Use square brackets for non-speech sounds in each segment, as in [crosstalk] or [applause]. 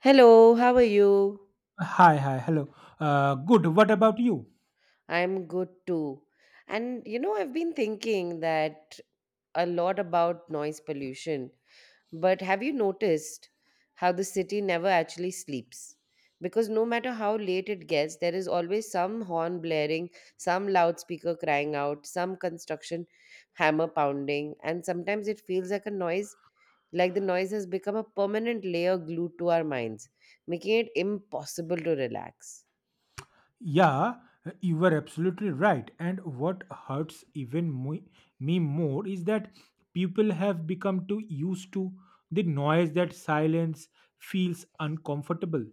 Hello, how are you? Hi, hello. Good. What about you? I'm good too. And you know, I've been thinking that a lot about noise pollution, but have you noticed how the city never actually sleeps? Because no matter how late it gets, there is always some horn blaring, some loudspeaker crying out, some construction hammer pounding, and sometimes it feels like a noise, like the noise has become a permanent layer glued to our minds, making it impossible to relax. Yeah, you were absolutely right. And what hurts even me more is that people have become too used to the noise that silence feels uncomfortable,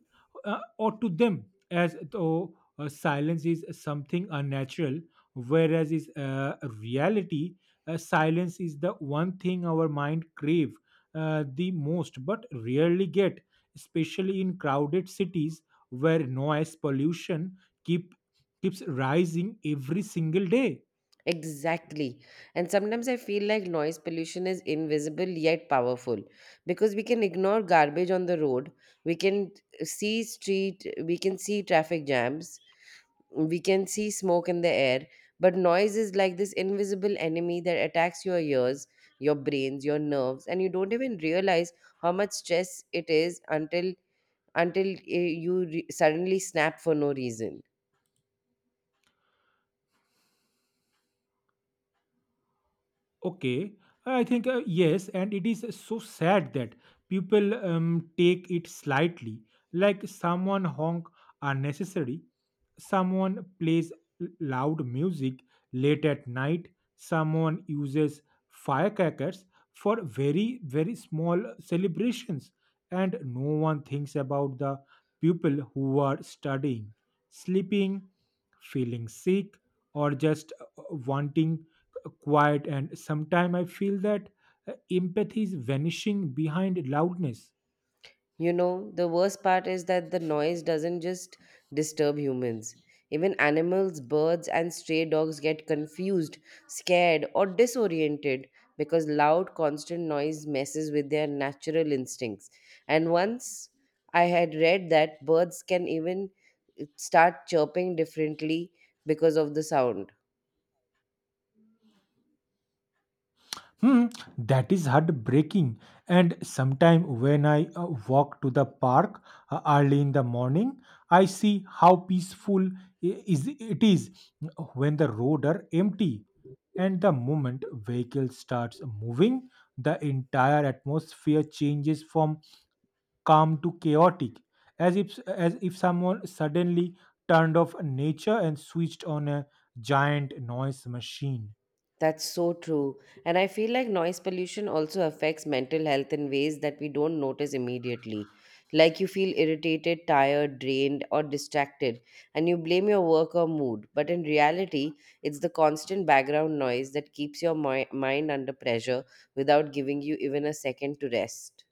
or to them, as though silence is something unnatural, whereas is reality, silence is the one thing our mind crave the most, but rarely get, especially in crowded cities where noise pollution keep keeps rising every single day. Exactly. And sometimes I feel like noise pollution is invisible yet powerful because we can ignore garbage on the road, we can see street, we can see traffic jams, we can see smoke in the air, but noise is like this invisible enemy that attacks your ears, your brains, your nerves, and you don't even realize how much stress it is until you suddenly snap for no reason. Okay, I think yes, and it is so sad that people take it slightly, like someone honk unnecessary, someone plays loud music late at night, someone uses firecrackers for very very small celebrations, and no one thinks about the people who are studying, sleeping, feeling sick, or just wanting quiet. And sometimes I feel that empathy is vanishing behind loudness. You know, the worst part is that the noise doesn't just disturb humans. Even animals, birds, and stray dogs get confused, scared, or disoriented because loud, constant noise messes with their natural instincts. And once I had read that birds can even start chirping differently because of the sound. Hmm, that is heartbreaking. And sometime when I walk to the park early in the morning, I see how peaceful I- is it is when the road are empty. And the moment vehicle starts moving, the entire atmosphere changes from calm to chaotic, as if someone suddenly turned off nature and switched on a giant noise machine. That's so true. And I feel like noise pollution also affects mental health in ways that we don't notice immediately. Like you feel irritated, tired, drained, or distracted, and you blame your work or mood. But in reality, it's the constant background noise that keeps your mind under pressure without giving you even a second to rest.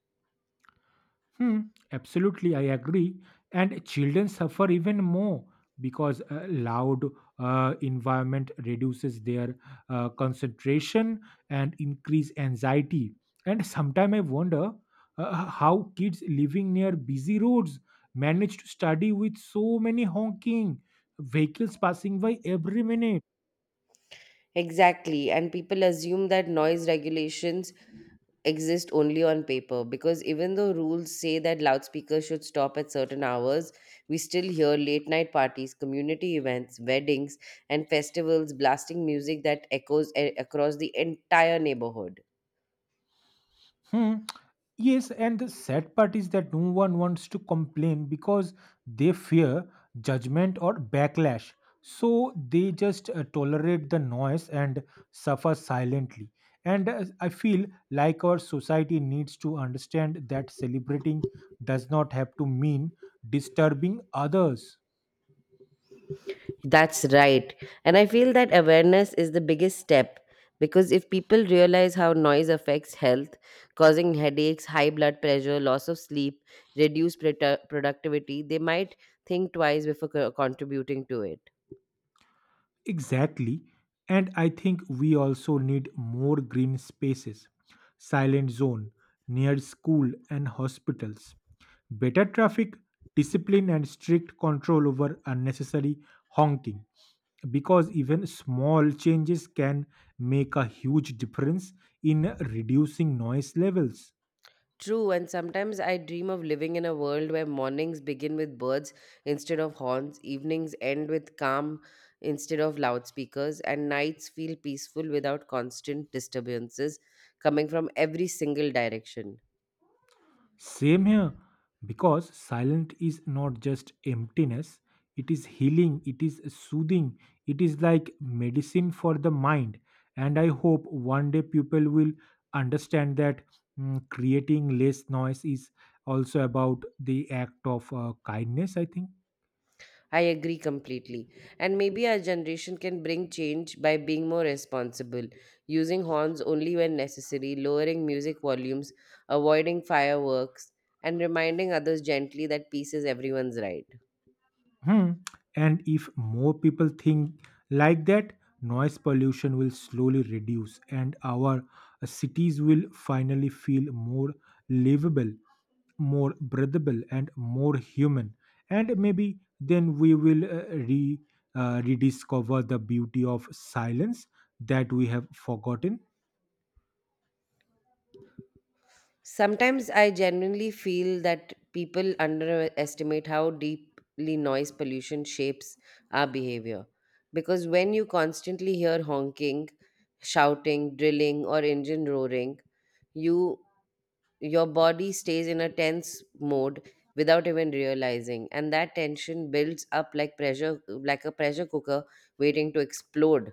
Hmm, absolutely, I agree. And children suffer even more because loud environment reduces their concentration and increase anxiety. And sometimes I wonder how kids living near busy roads manage to study with so many honking vehicles passing by every minute. Exactly. And people assume that noise regulations exist only on paper because even though rules say that loudspeakers should stop at certain hours, we still hear late night parties, community events, weddings, and festivals blasting music that echoes across the entire neighborhood. Hmm. Yes, and the sad part is that no one wants to complain because they fear judgment or backlash. So they just tolerate the noise and suffer silently. And I feel like our society needs to understand that celebrating does not have to mean disturbing others. That's right. And I feel that awareness is the biggest step because if people realize how noise affects health, causing headaches, high blood pressure, loss of sleep, reduced productivity, they might think twice before contributing to it. Exactly. And I think we also need more green spaces, silent zone, near school and hospitals, better traffic, discipline, and strict control over unnecessary honking. Because even small changes can make a huge difference in reducing noise levels. True, and sometimes I dream of living in a world where mornings begin with birds instead of horns, evenings end with calm instead of loudspeakers, and nights feel peaceful without constant disturbances coming from every single direction. Same here, because silent is not just emptiness, it is healing, it is soothing, it is like medicine for the mind. And I hope one day people will understand that creating less noise is also about the act of kindness, I think. I agree completely. And maybe our generation can bring change by being more responsible, using horns only when necessary, lowering music volumes, avoiding fireworks, and reminding others gently that peace is everyone's right. Hmm. And if more people think like that, noise pollution will slowly reduce and our cities will finally feel more livable, more breathable, and more human. And maybe then we will rediscover the beauty of silence that we have forgotten. Sometimes I genuinely feel that people underestimate how deeply noise pollution shapes our behavior. Because when you constantly hear honking, shouting, drilling, or engine roaring, you your body stays in a tense mode without even realizing, and that tension builds up like pressure, like a pressure cooker waiting to explode.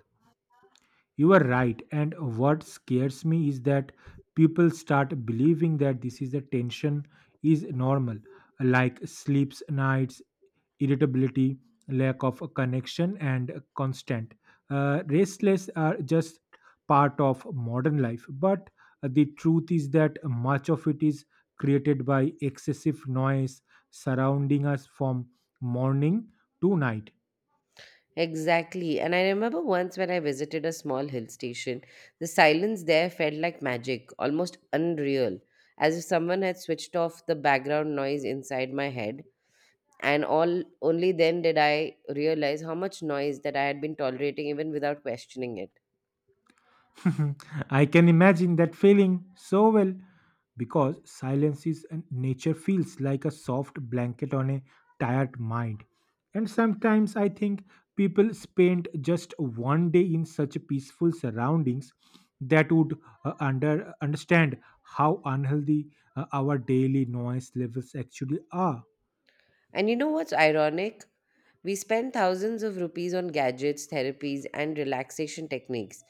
You are right. And what scares me is that people start believing that this is a tension is normal, like sleeps, nights, irritability, lack of connection, and constant. Restless are just part of modern life. But the truth is that much of it is created by excessive noise surrounding us from morning to night. Exactly. And I remember once when I visited a small hill station, the silence there felt like magic, almost unreal, as if someone had switched off the background noise inside my head. And all only then did I realize how much noise that I had been tolerating even without questioning it. [laughs] I can imagine that feeling so well because silence is and nature feels like a soft blanket on a tired mind. And sometimes I think people spend just one day in such peaceful surroundings that would understand how unhealthy our daily noise levels actually are. And you know what's ironic? We spend thousands of rupees on gadgets, therapies, and relaxation techniques,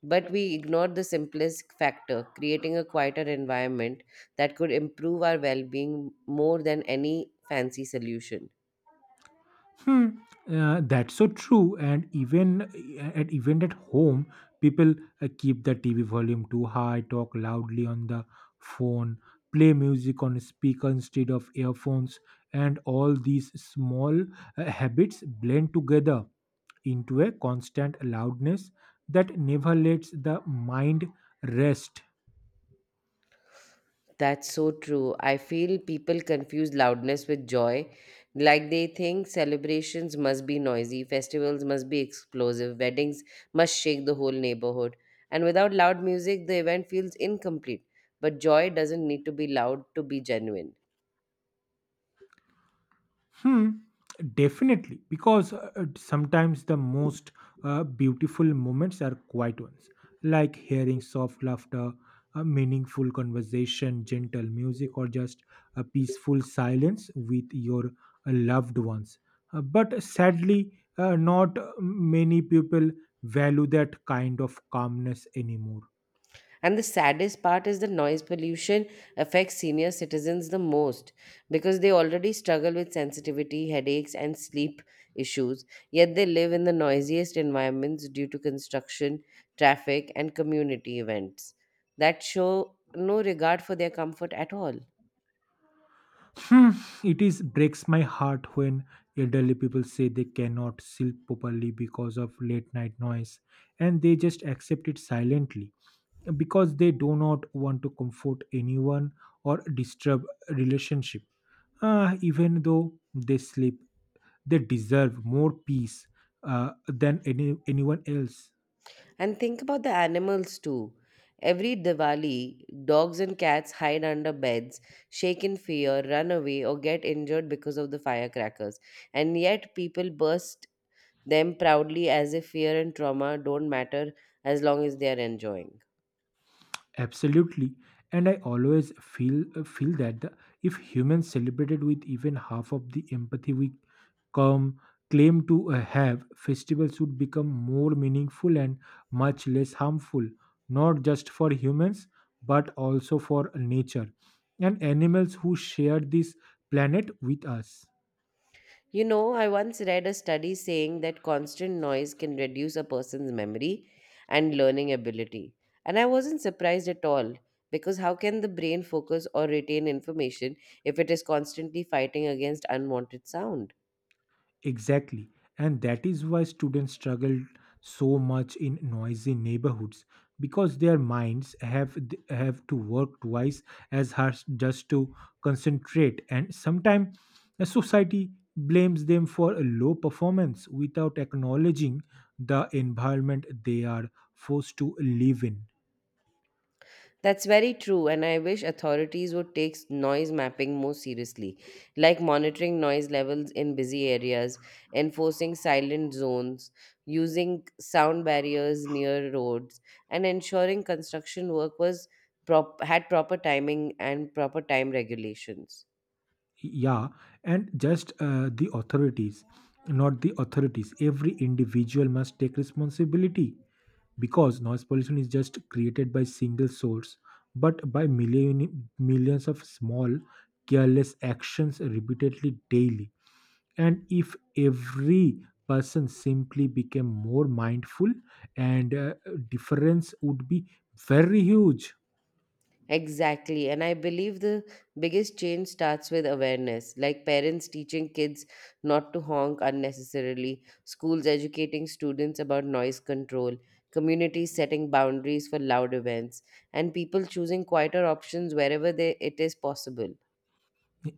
but we ignored the simplest factor, creating a quieter environment that could improve our well being more than any fancy solution. Hmm. That's so true. And even at home, people keep the TV volume too high, talk loudly on the phone, play music on speaker instead of earphones, and all these small habits blend together into a constant loudness that never lets the mind rest. That's so true. I feel people confuse loudness with joy. Like they think celebrations must be noisy, festivals must be explosive, weddings must shake the whole neighborhood. And without loud music, the event feels incomplete. But joy doesn't need to be loud to be genuine. Hmm, definitely, because sometimes the most beautiful moments are quiet ones, like hearing soft laughter, a meaningful conversation, gentle music, or just a peaceful silence with your loved ones. But sadly, not many people value that kind of calmness anymore. And the saddest part is the noise pollution affects senior citizens the most because they already struggle with sensitivity, headaches, and sleep issues. Yet they live in the noisiest environments due to construction, traffic, and community events that show no regard for their comfort at all. Hmm, it is breaks my heart when elderly people say they cannot sleep properly because of late night noise and they just accept it silently because they do not want to comfort anyone or disturb relationship. Even though they sleep they deserve more peace uh, than anyone else. And think about the animals too. Every Diwali, dogs and cats hide under beds, shake in fear, run away, or get injured because of the firecrackers. And yet, people burst them proudly as if fear and trauma don't matter as long as they are enjoying. Absolutely. And I always feel that the, if humans celebrated with even half of the empathy we come claim to have, festivals would become more meaningful and much less harmful, not just for humans but also for nature and animals who share this planet with us. You know, I once read a study saying that constant noise can reduce a person's memory and learning ability. And I wasn't surprised at all because how can the brain focus or retain information if it is constantly fighting against unwanted sound? Exactly. And that is why students struggle so much in noisy neighborhoods because their minds have to work twice as hard just to concentrate, and sometimes society blames them for a low performance without acknowledging the environment they are forced to live in. That's very true, and I wish authorities would take noise mapping more seriously, like monitoring noise levels in busy areas, enforcing silent zones, using sound barriers near roads, and ensuring construction work had proper timing and proper time regulations. Yeah, and just the authorities not the authorities, every individual must take responsibility because noise pollution is just created by single source but by millions of small careless actions repeatedly daily. And if every person simply became more mindful and difference would be very huge. Exactly. And I believe the biggest change starts with awareness, like parents teaching kids not to honk unnecessarily, schools educating students about noise control, communities setting boundaries for loud events, and people choosing quieter options wherever it is possible.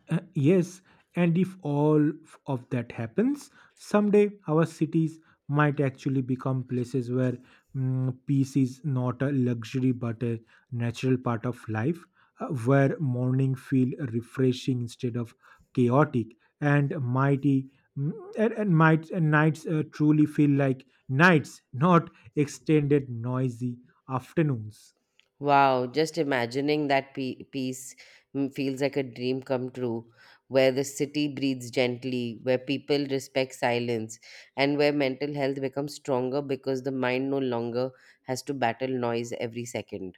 Yes, and if all of that happens, someday our cities might actually become places where peace is not a luxury but a natural part of life, where morning feel refreshing instead of chaotic, and mighty mm, and might and nights truly feel like nights, not extended noisy afternoons. Wow, just imagining that peace feels like a dream come true, where the city breathes gently, where people respect silence, and where mental health becomes stronger because the mind no longer has to battle noise every second.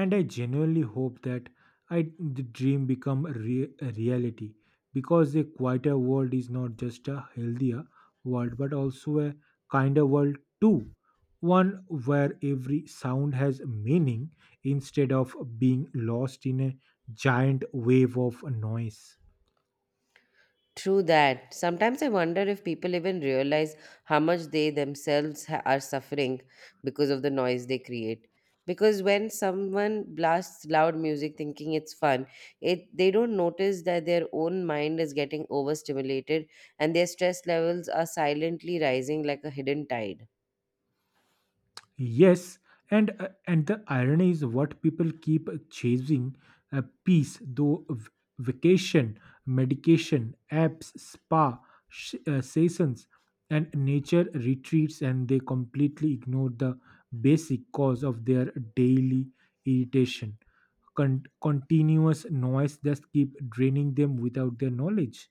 And I genuinely hope that I the dream become a reality, because a quieter world is not just a healthier world but also a kinder world too, one where every sound has meaning instead of being lost in a giant wave of noise. True that. Sometimes I wonder if people even realize how much they themselves are suffering because of the noise they create. Because when someone blasts loud music thinking it's fun, it they don't notice that their own mind is getting overstimulated and their stress levels are silently rising like a hidden tide. Yes, and the irony is what people keep chasing peace, though vacation, medication, apps, spa sessions, and nature retreats, and they completely ignore the basic cause of their daily irritation. Continuous noise just keep draining them without their knowledge.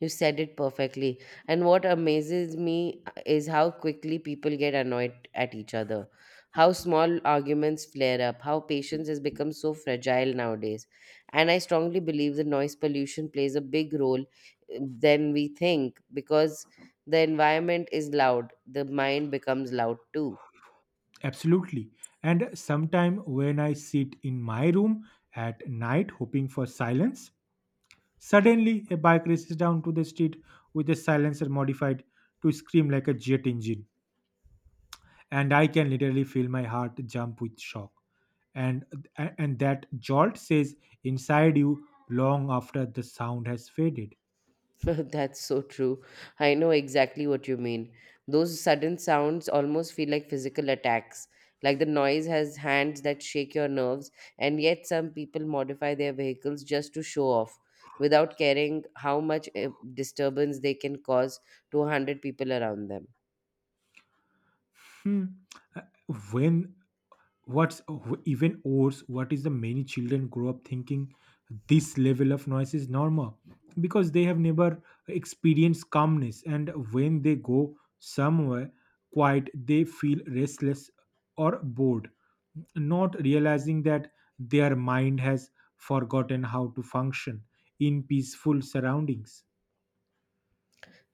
You said it perfectly. And what amazes me is how quickly people get annoyed at each other, how small arguments flare up, how patience has become so fragile nowadays. And I strongly believe the noise pollution plays a big role than we think because the environment is loud, the mind becomes loud too. Absolutely. And sometime when I sit in my room at night hoping for silence, suddenly, a bike races down to the street with a silencer modified to scream like a jet engine, and I can literally feel my heart jump with shock. And and that jolt says inside you long after the sound has faded. [laughs] That's so true. I know exactly what you mean. Those sudden sounds almost feel like physical attacks. Like the noise has hands that shake your nerves, and yet some people modify their vehicles just to show off without caring how much disturbance they can cause to 100 people around them. Hmm. Uh, When what's even worse what is the Many children grow up thinking this level of noise is normal because they have never experienced calmness, and when they go somewhere quiet they feel restless or bored, not realizing that their mind has forgotten how to function in peaceful surroundings.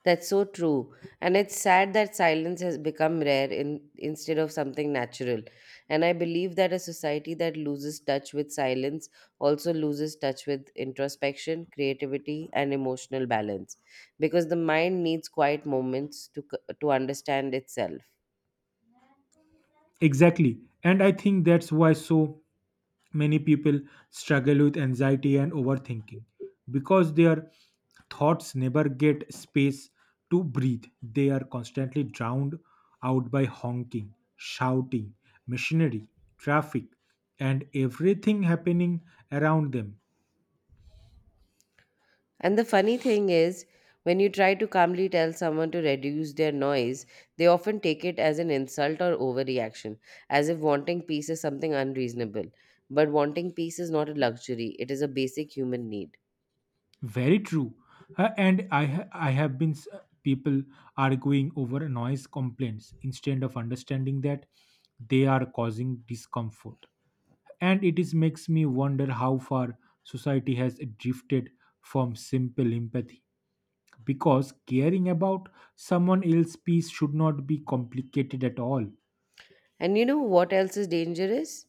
That's so true. And it's sad that silence has become rare instead of something natural. And I believe that a society that loses touch with silence also loses touch with introspection, creativity, and emotional balance because the mind needs quiet moments to understand itself. Exactly, and I think that's why so many people struggle with anxiety and overthinking because their thoughts never get space to breathe. They are constantly drowned out by honking, shouting, machinery, traffic, and everything happening around them. And the funny thing is, when you try to calmly tell someone to reduce their noise, they often take it as an insult or overreaction, as if wanting peace is something unreasonable. But wanting peace is not a luxury, it is a basic human need. Very true. I have been s- people arguing over noise complaints instead of understanding that they are causing discomfort, and it is makes me wonder how far society has drifted from simple empathy, because caring about someone else's peace should not be complicated at all. And you know what else is dangerous?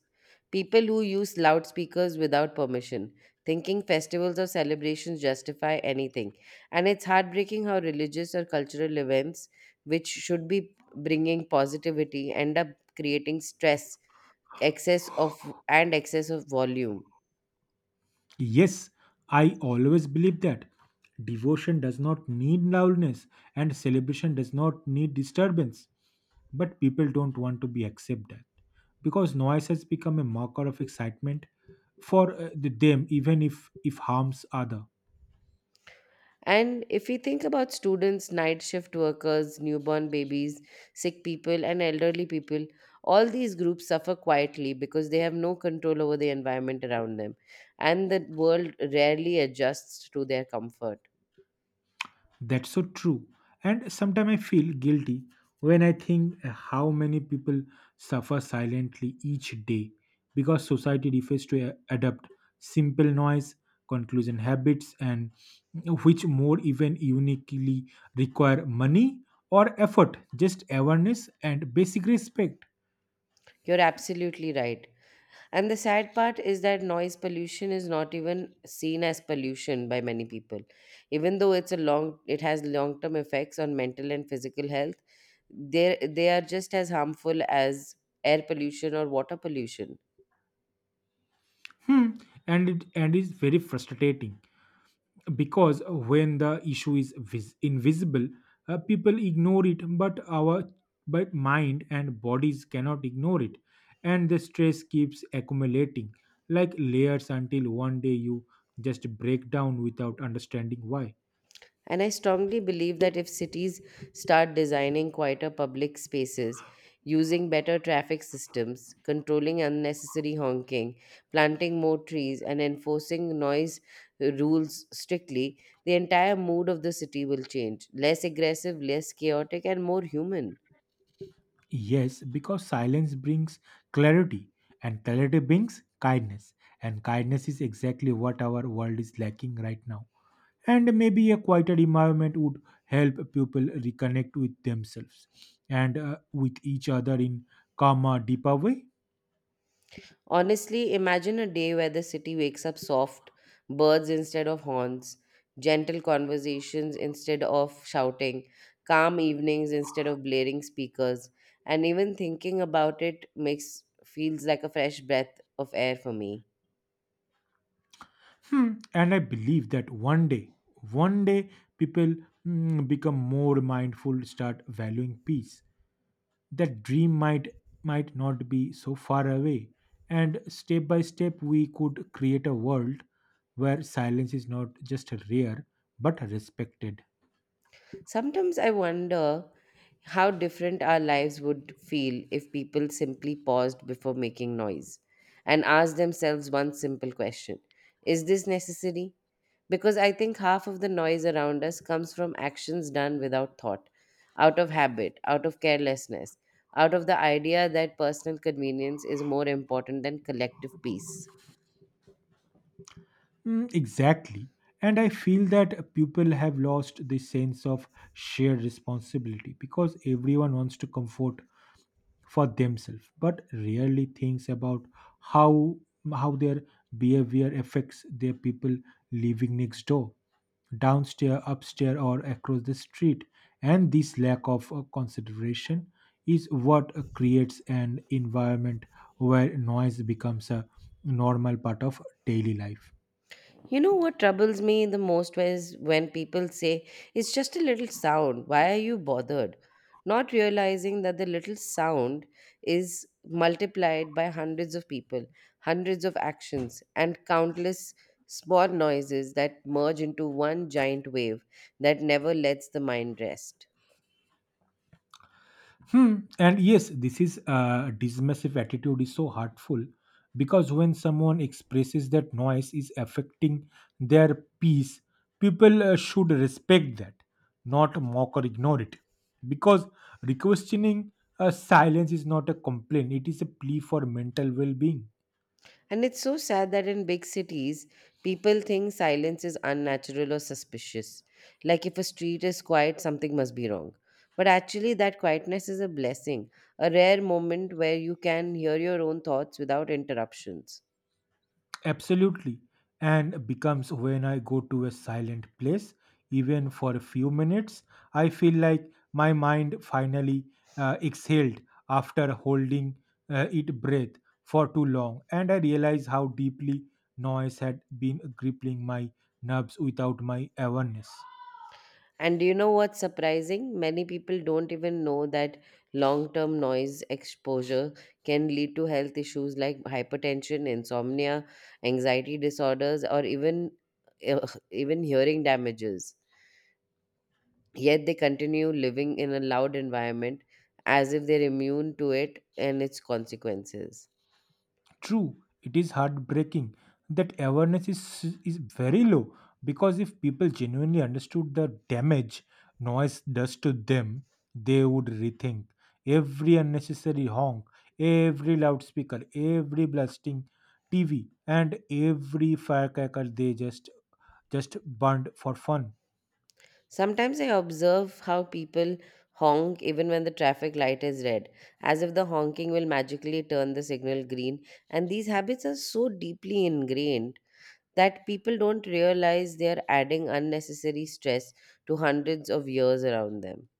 People who use loudspeakers without permission, thinking festivals or celebrations justify anything. And it's heartbreaking how religious or cultural events, which should be bringing positivity, end up creating stress excess of and excess of volume. Yes, I always believe that devotion does not need loudness and celebration does not need disturbance, but people don't want to be accepted because noise has become a marker of excitement for them, even if harms other. And if we think about students, night shift workers, newborn babies, sick people, and elderly people, all these groups suffer quietly because they have no control over the environment around them, and the world rarely adjusts to their comfort. That's so true. And sometimes I feel guilty when I think how many people suffer silently each day because society refuses to adapt simple noise, conclusion habits, and which more even uniquely require money or effort, just awareness and basic respect. You're absolutely right. And the sad part is that noise pollution is not even seen as pollution by many people, even though it has long term effects on mental and physical health. they they are just as harmful as air pollution or water pollution. Hmm. And it's very frustrating, because when the issue is invisible people ignore it, but our but mind and bodies cannot ignore it, and the stress keeps accumulating like layers until one day you just break down without understanding why. And I strongly believe that if cities start designing quieter public spaces, using better traffic systems, controlling unnecessary honking, planting more trees, and enforcing noise rules strictly, the entire mood of the city will change, less aggressive, less chaotic, and more human. Yes, because silence brings clarity and clarity brings kindness, and kindness is exactly what our world is lacking right now. And maybe a quieter environment would help people reconnect with themselves and with each other in calmer deeper way. Honestly, imagine a day where the city wakes up soft, birds instead of horns, gentle conversations instead of shouting, calm evenings instead of blaring speakers, and even thinking about it makes feels like a fresh breath of air for me. Hmm, and I believe that one day people become more mindful, start valuing peace, that dream might not be so far away, and step by step we could create a world where silence is not just rare but respected. Sometimes I wonder how different our lives would feel if people simply paused before making noise and asked themselves one simple question. Is this necessary? Because I think half of the noise around us comes from actions done without thought, out of habit, out of carelessness, out of the idea that personal convenience is more important than collective peace. Mm, exactly. And I feel that people have lost the sense of shared responsibility because everyone wants to comfort for themselves, but rarely thinks about how how their behavior affects their people living next door, downstairs, upstairs, or across the street. And this lack of consideration is what creates an environment where noise becomes a normal part of daily life. You know what troubles me the most is when people say, it's just a little sound. Why are you bothered? Not realizing that the little sound is multiplied by hundreds of people, hundreds of actions, and countless small noises that merge into one giant wave that never lets the mind rest. Hmm. And yes, this is dismissive attitude is so hurtful because when someone expresses that noise is affecting their peace, people should respect that, not mock or ignore it. Because requestioning silence is not a complaint; it is a plea for mental well-being. And it's so sad that in big cities, people think silence is unnatural or suspicious. Like if a street is quiet, something must be wrong. But actually, that quietness is a blessing, a rare moment where you can hear your own thoughts without interruptions. Absolutely. And becomes when I go to a silent place, even for a few minutes, I feel like my mind finally exhaled after holding it breath for too long. And I realize how deeply noise had been crippling my nerves without my awareness. And do you know what's surprising? Many people don't even know that long term noise exposure can lead to health issues like hypertension, insomnia, anxiety disorders, or even, [laughs] even hearing damages. Yet they continue living in a loud environment as if they're immune to it and its consequences. True, it is heartbreaking that awareness is very low because if people genuinely understood the damage noise does to them, they would rethink every unnecessary honk, every loudspeaker, every blasting TV, and every firecracker they just burned for fun. Sometimes I observe how people honk even when the traffic light is red, as if the honking will magically turn the signal green. And these habits are so deeply ingrained that people don't realize they are adding unnecessary stress to hundreds of years around them.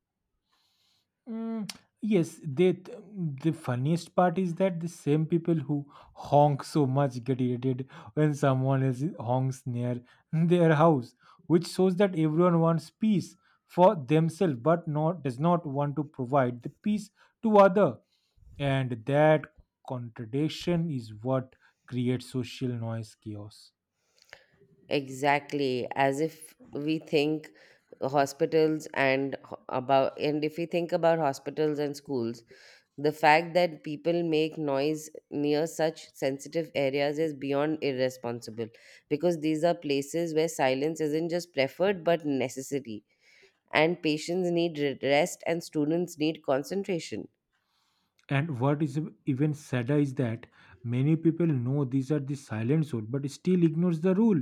Mm, yes, the funniest part is that the same people who honk so much get irritated when someone else honks near [laughs] their house, which shows that everyone wants peace for themselves but not does not want to provide the peace to other. And that contradiction is what creates social noise chaos. Exactly, as if we think hospitals and ho- about and if we think about hospitals and schools, the fact that people make noise near such sensitive areas is beyond irresponsible because these are places where silence isn't just preferred but necessary, and patients need rest and students need concentration. And what is even sadder is that many people know these are the silent zone but still ignores the rule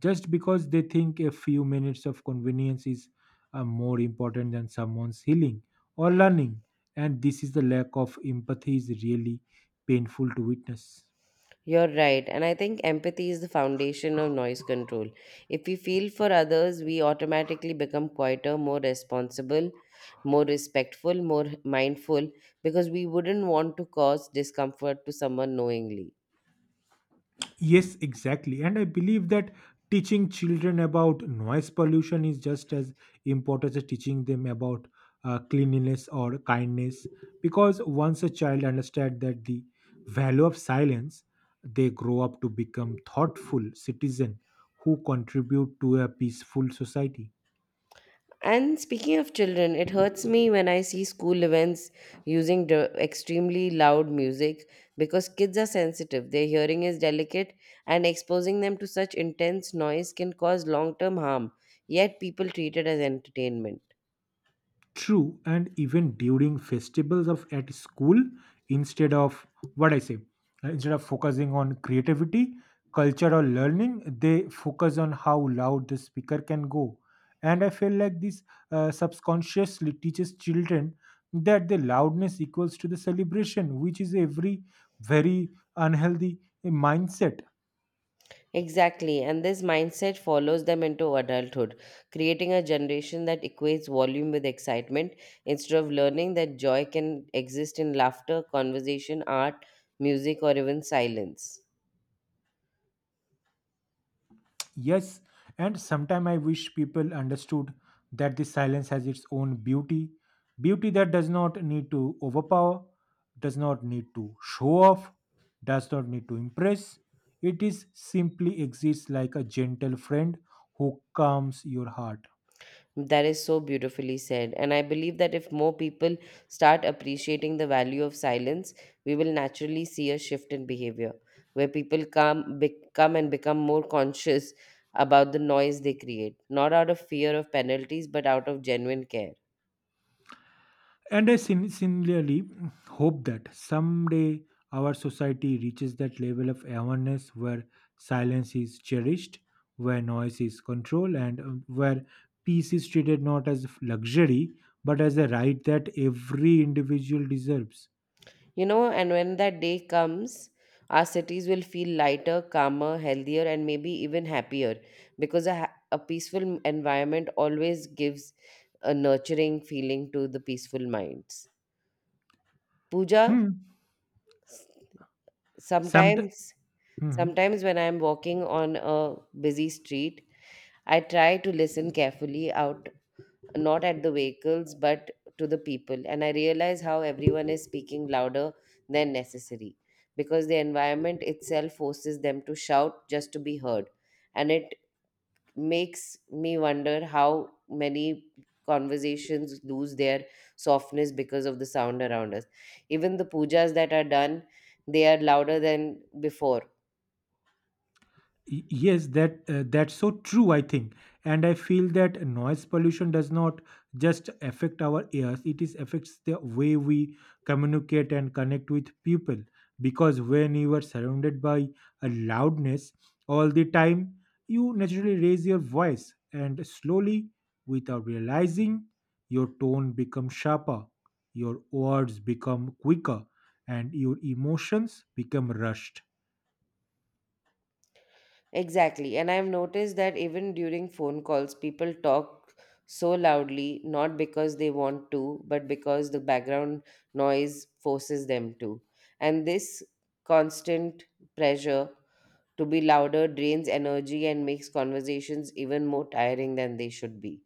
just because they think a few minutes of convenience is more important than someone's healing or learning. And this is the lack of empathy is really painful to witness. You're right. And I think empathy is the foundation of noise control. If we feel for others, we automatically become quieter, more responsible, more respectful, more mindful, because we wouldn't want to cause discomfort to someone knowingly. Yes, exactly. And I believe that teaching children about noise pollution is just as important as teaching them about cleanliness or kindness. Because once a child understands that the value of silence, they grow up to become thoughtful citizen who contribute to a peaceful society. And speaking of children, it hurts me when I see school events using extremely loud music because kids are sensitive. Their hearing is delicate, and exposing them to such intense noise can cause long term harm. Yet, people treat it as entertainment. True, and even during festivals of at school, instead of what I say, instead of focusing on creativity, culture, or learning, they focus on how loud the speaker can go. And I feel like this subconsciously teaches children that the loudness equals to the celebration, which is every very unhealthy mindset. Exactly, and this mindset follows them into adulthood, creating a generation that equates volume with excitement instead of learning that joy can exist in laughter, conversation, art, music, or even silence. Yes, and sometime I wish people understood that this silence has its own beauty, beauty that does not need to overpower, does not need to show off, does not need to impress. It is simply exists like a gentle friend who calms your heart. That is so beautifully said. And I believe that if more people start appreciating the value of silence, we will naturally see a shift in behavior where people come, become and become more conscious about the noise they create, not out of fear of penalties, but out of genuine care. And I similarly hope that someday our society reaches that level of awareness where silence is cherished, where noise is controlled, and where peace is treated not as luxury but as a right that every individual deserves. You know, and when that day comes, our cities will feel lighter, calmer, healthier, and maybe even happier because a peaceful environment always gives a nurturing feeling to the peaceful minds. Pooja, Hmm. s- Some. sometimes sometimes when I'm walking on a busy street, I try to listen carefully out, not at the vehicles but to the people, and I realize how everyone is speaking louder than necessary because the environment itself forces them to shout just to be heard, and it makes me wonder how many conversations lose their softness because of the sound around us. Even the pujas that are done, they are louder than before. Y- Yes, that that's so true, I think. And I feel that noise pollution does not just affect our ears, it is affects the way we communicate and connect with people. Because when you are surrounded by a loudness all the time, you naturally raise your voice and slowly, without realizing, your tone becomes sharper, your words become quicker, and your emotions become rushed. Exactly. And I've noticed that even during phone calls, people talk so loudly, not because they want to, but because the background noise forces them to. And this constant pressure to be louder drains energy and makes conversations even more tiring than they should be.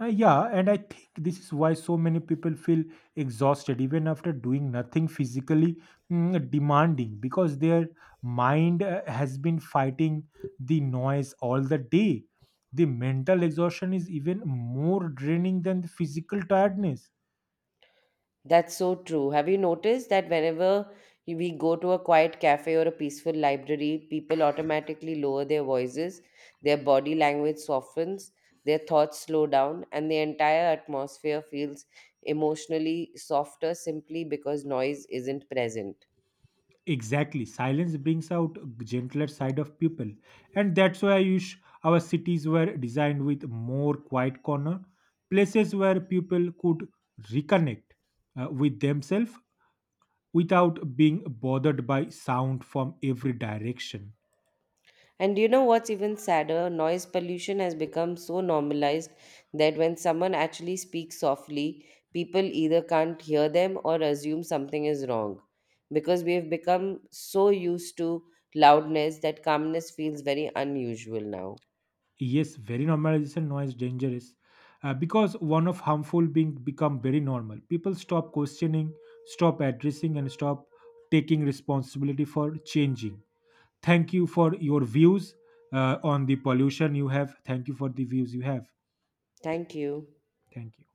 Yeah, and I think this is why so many people feel exhausted even after doing nothing physically demanding because their mind has been fighting the noise all the day. The mental exhaustion is even more draining than the physical tiredness. That's so true. Have you noticed that whenever we go to a quiet cafe or a peaceful library, people automatically lower their voices, their body language softens, their thoughts slow down, and the entire atmosphere feels emotionally softer simply because noise isn't present? Exactly. Silence brings out a gentler side of people. And that's why I wish our cities were designed with more quiet corner, places where people could reconnect with themselves without being bothered by sound from every direction. And you know what's even sadder? Noise pollution has become so normalized that when someone actually speaks softly, people either can't hear them or assume something is wrong. Because we have become so used to loudness that calmness feels very unusual now. Yes, very normalization noise dangerous. Because one of harmful being become very normal. People stop questioning, stop addressing, and stop taking responsibility for changing. Thank you for your views on the pollution you have. Thank you for the views you have. Thank you. Thank you.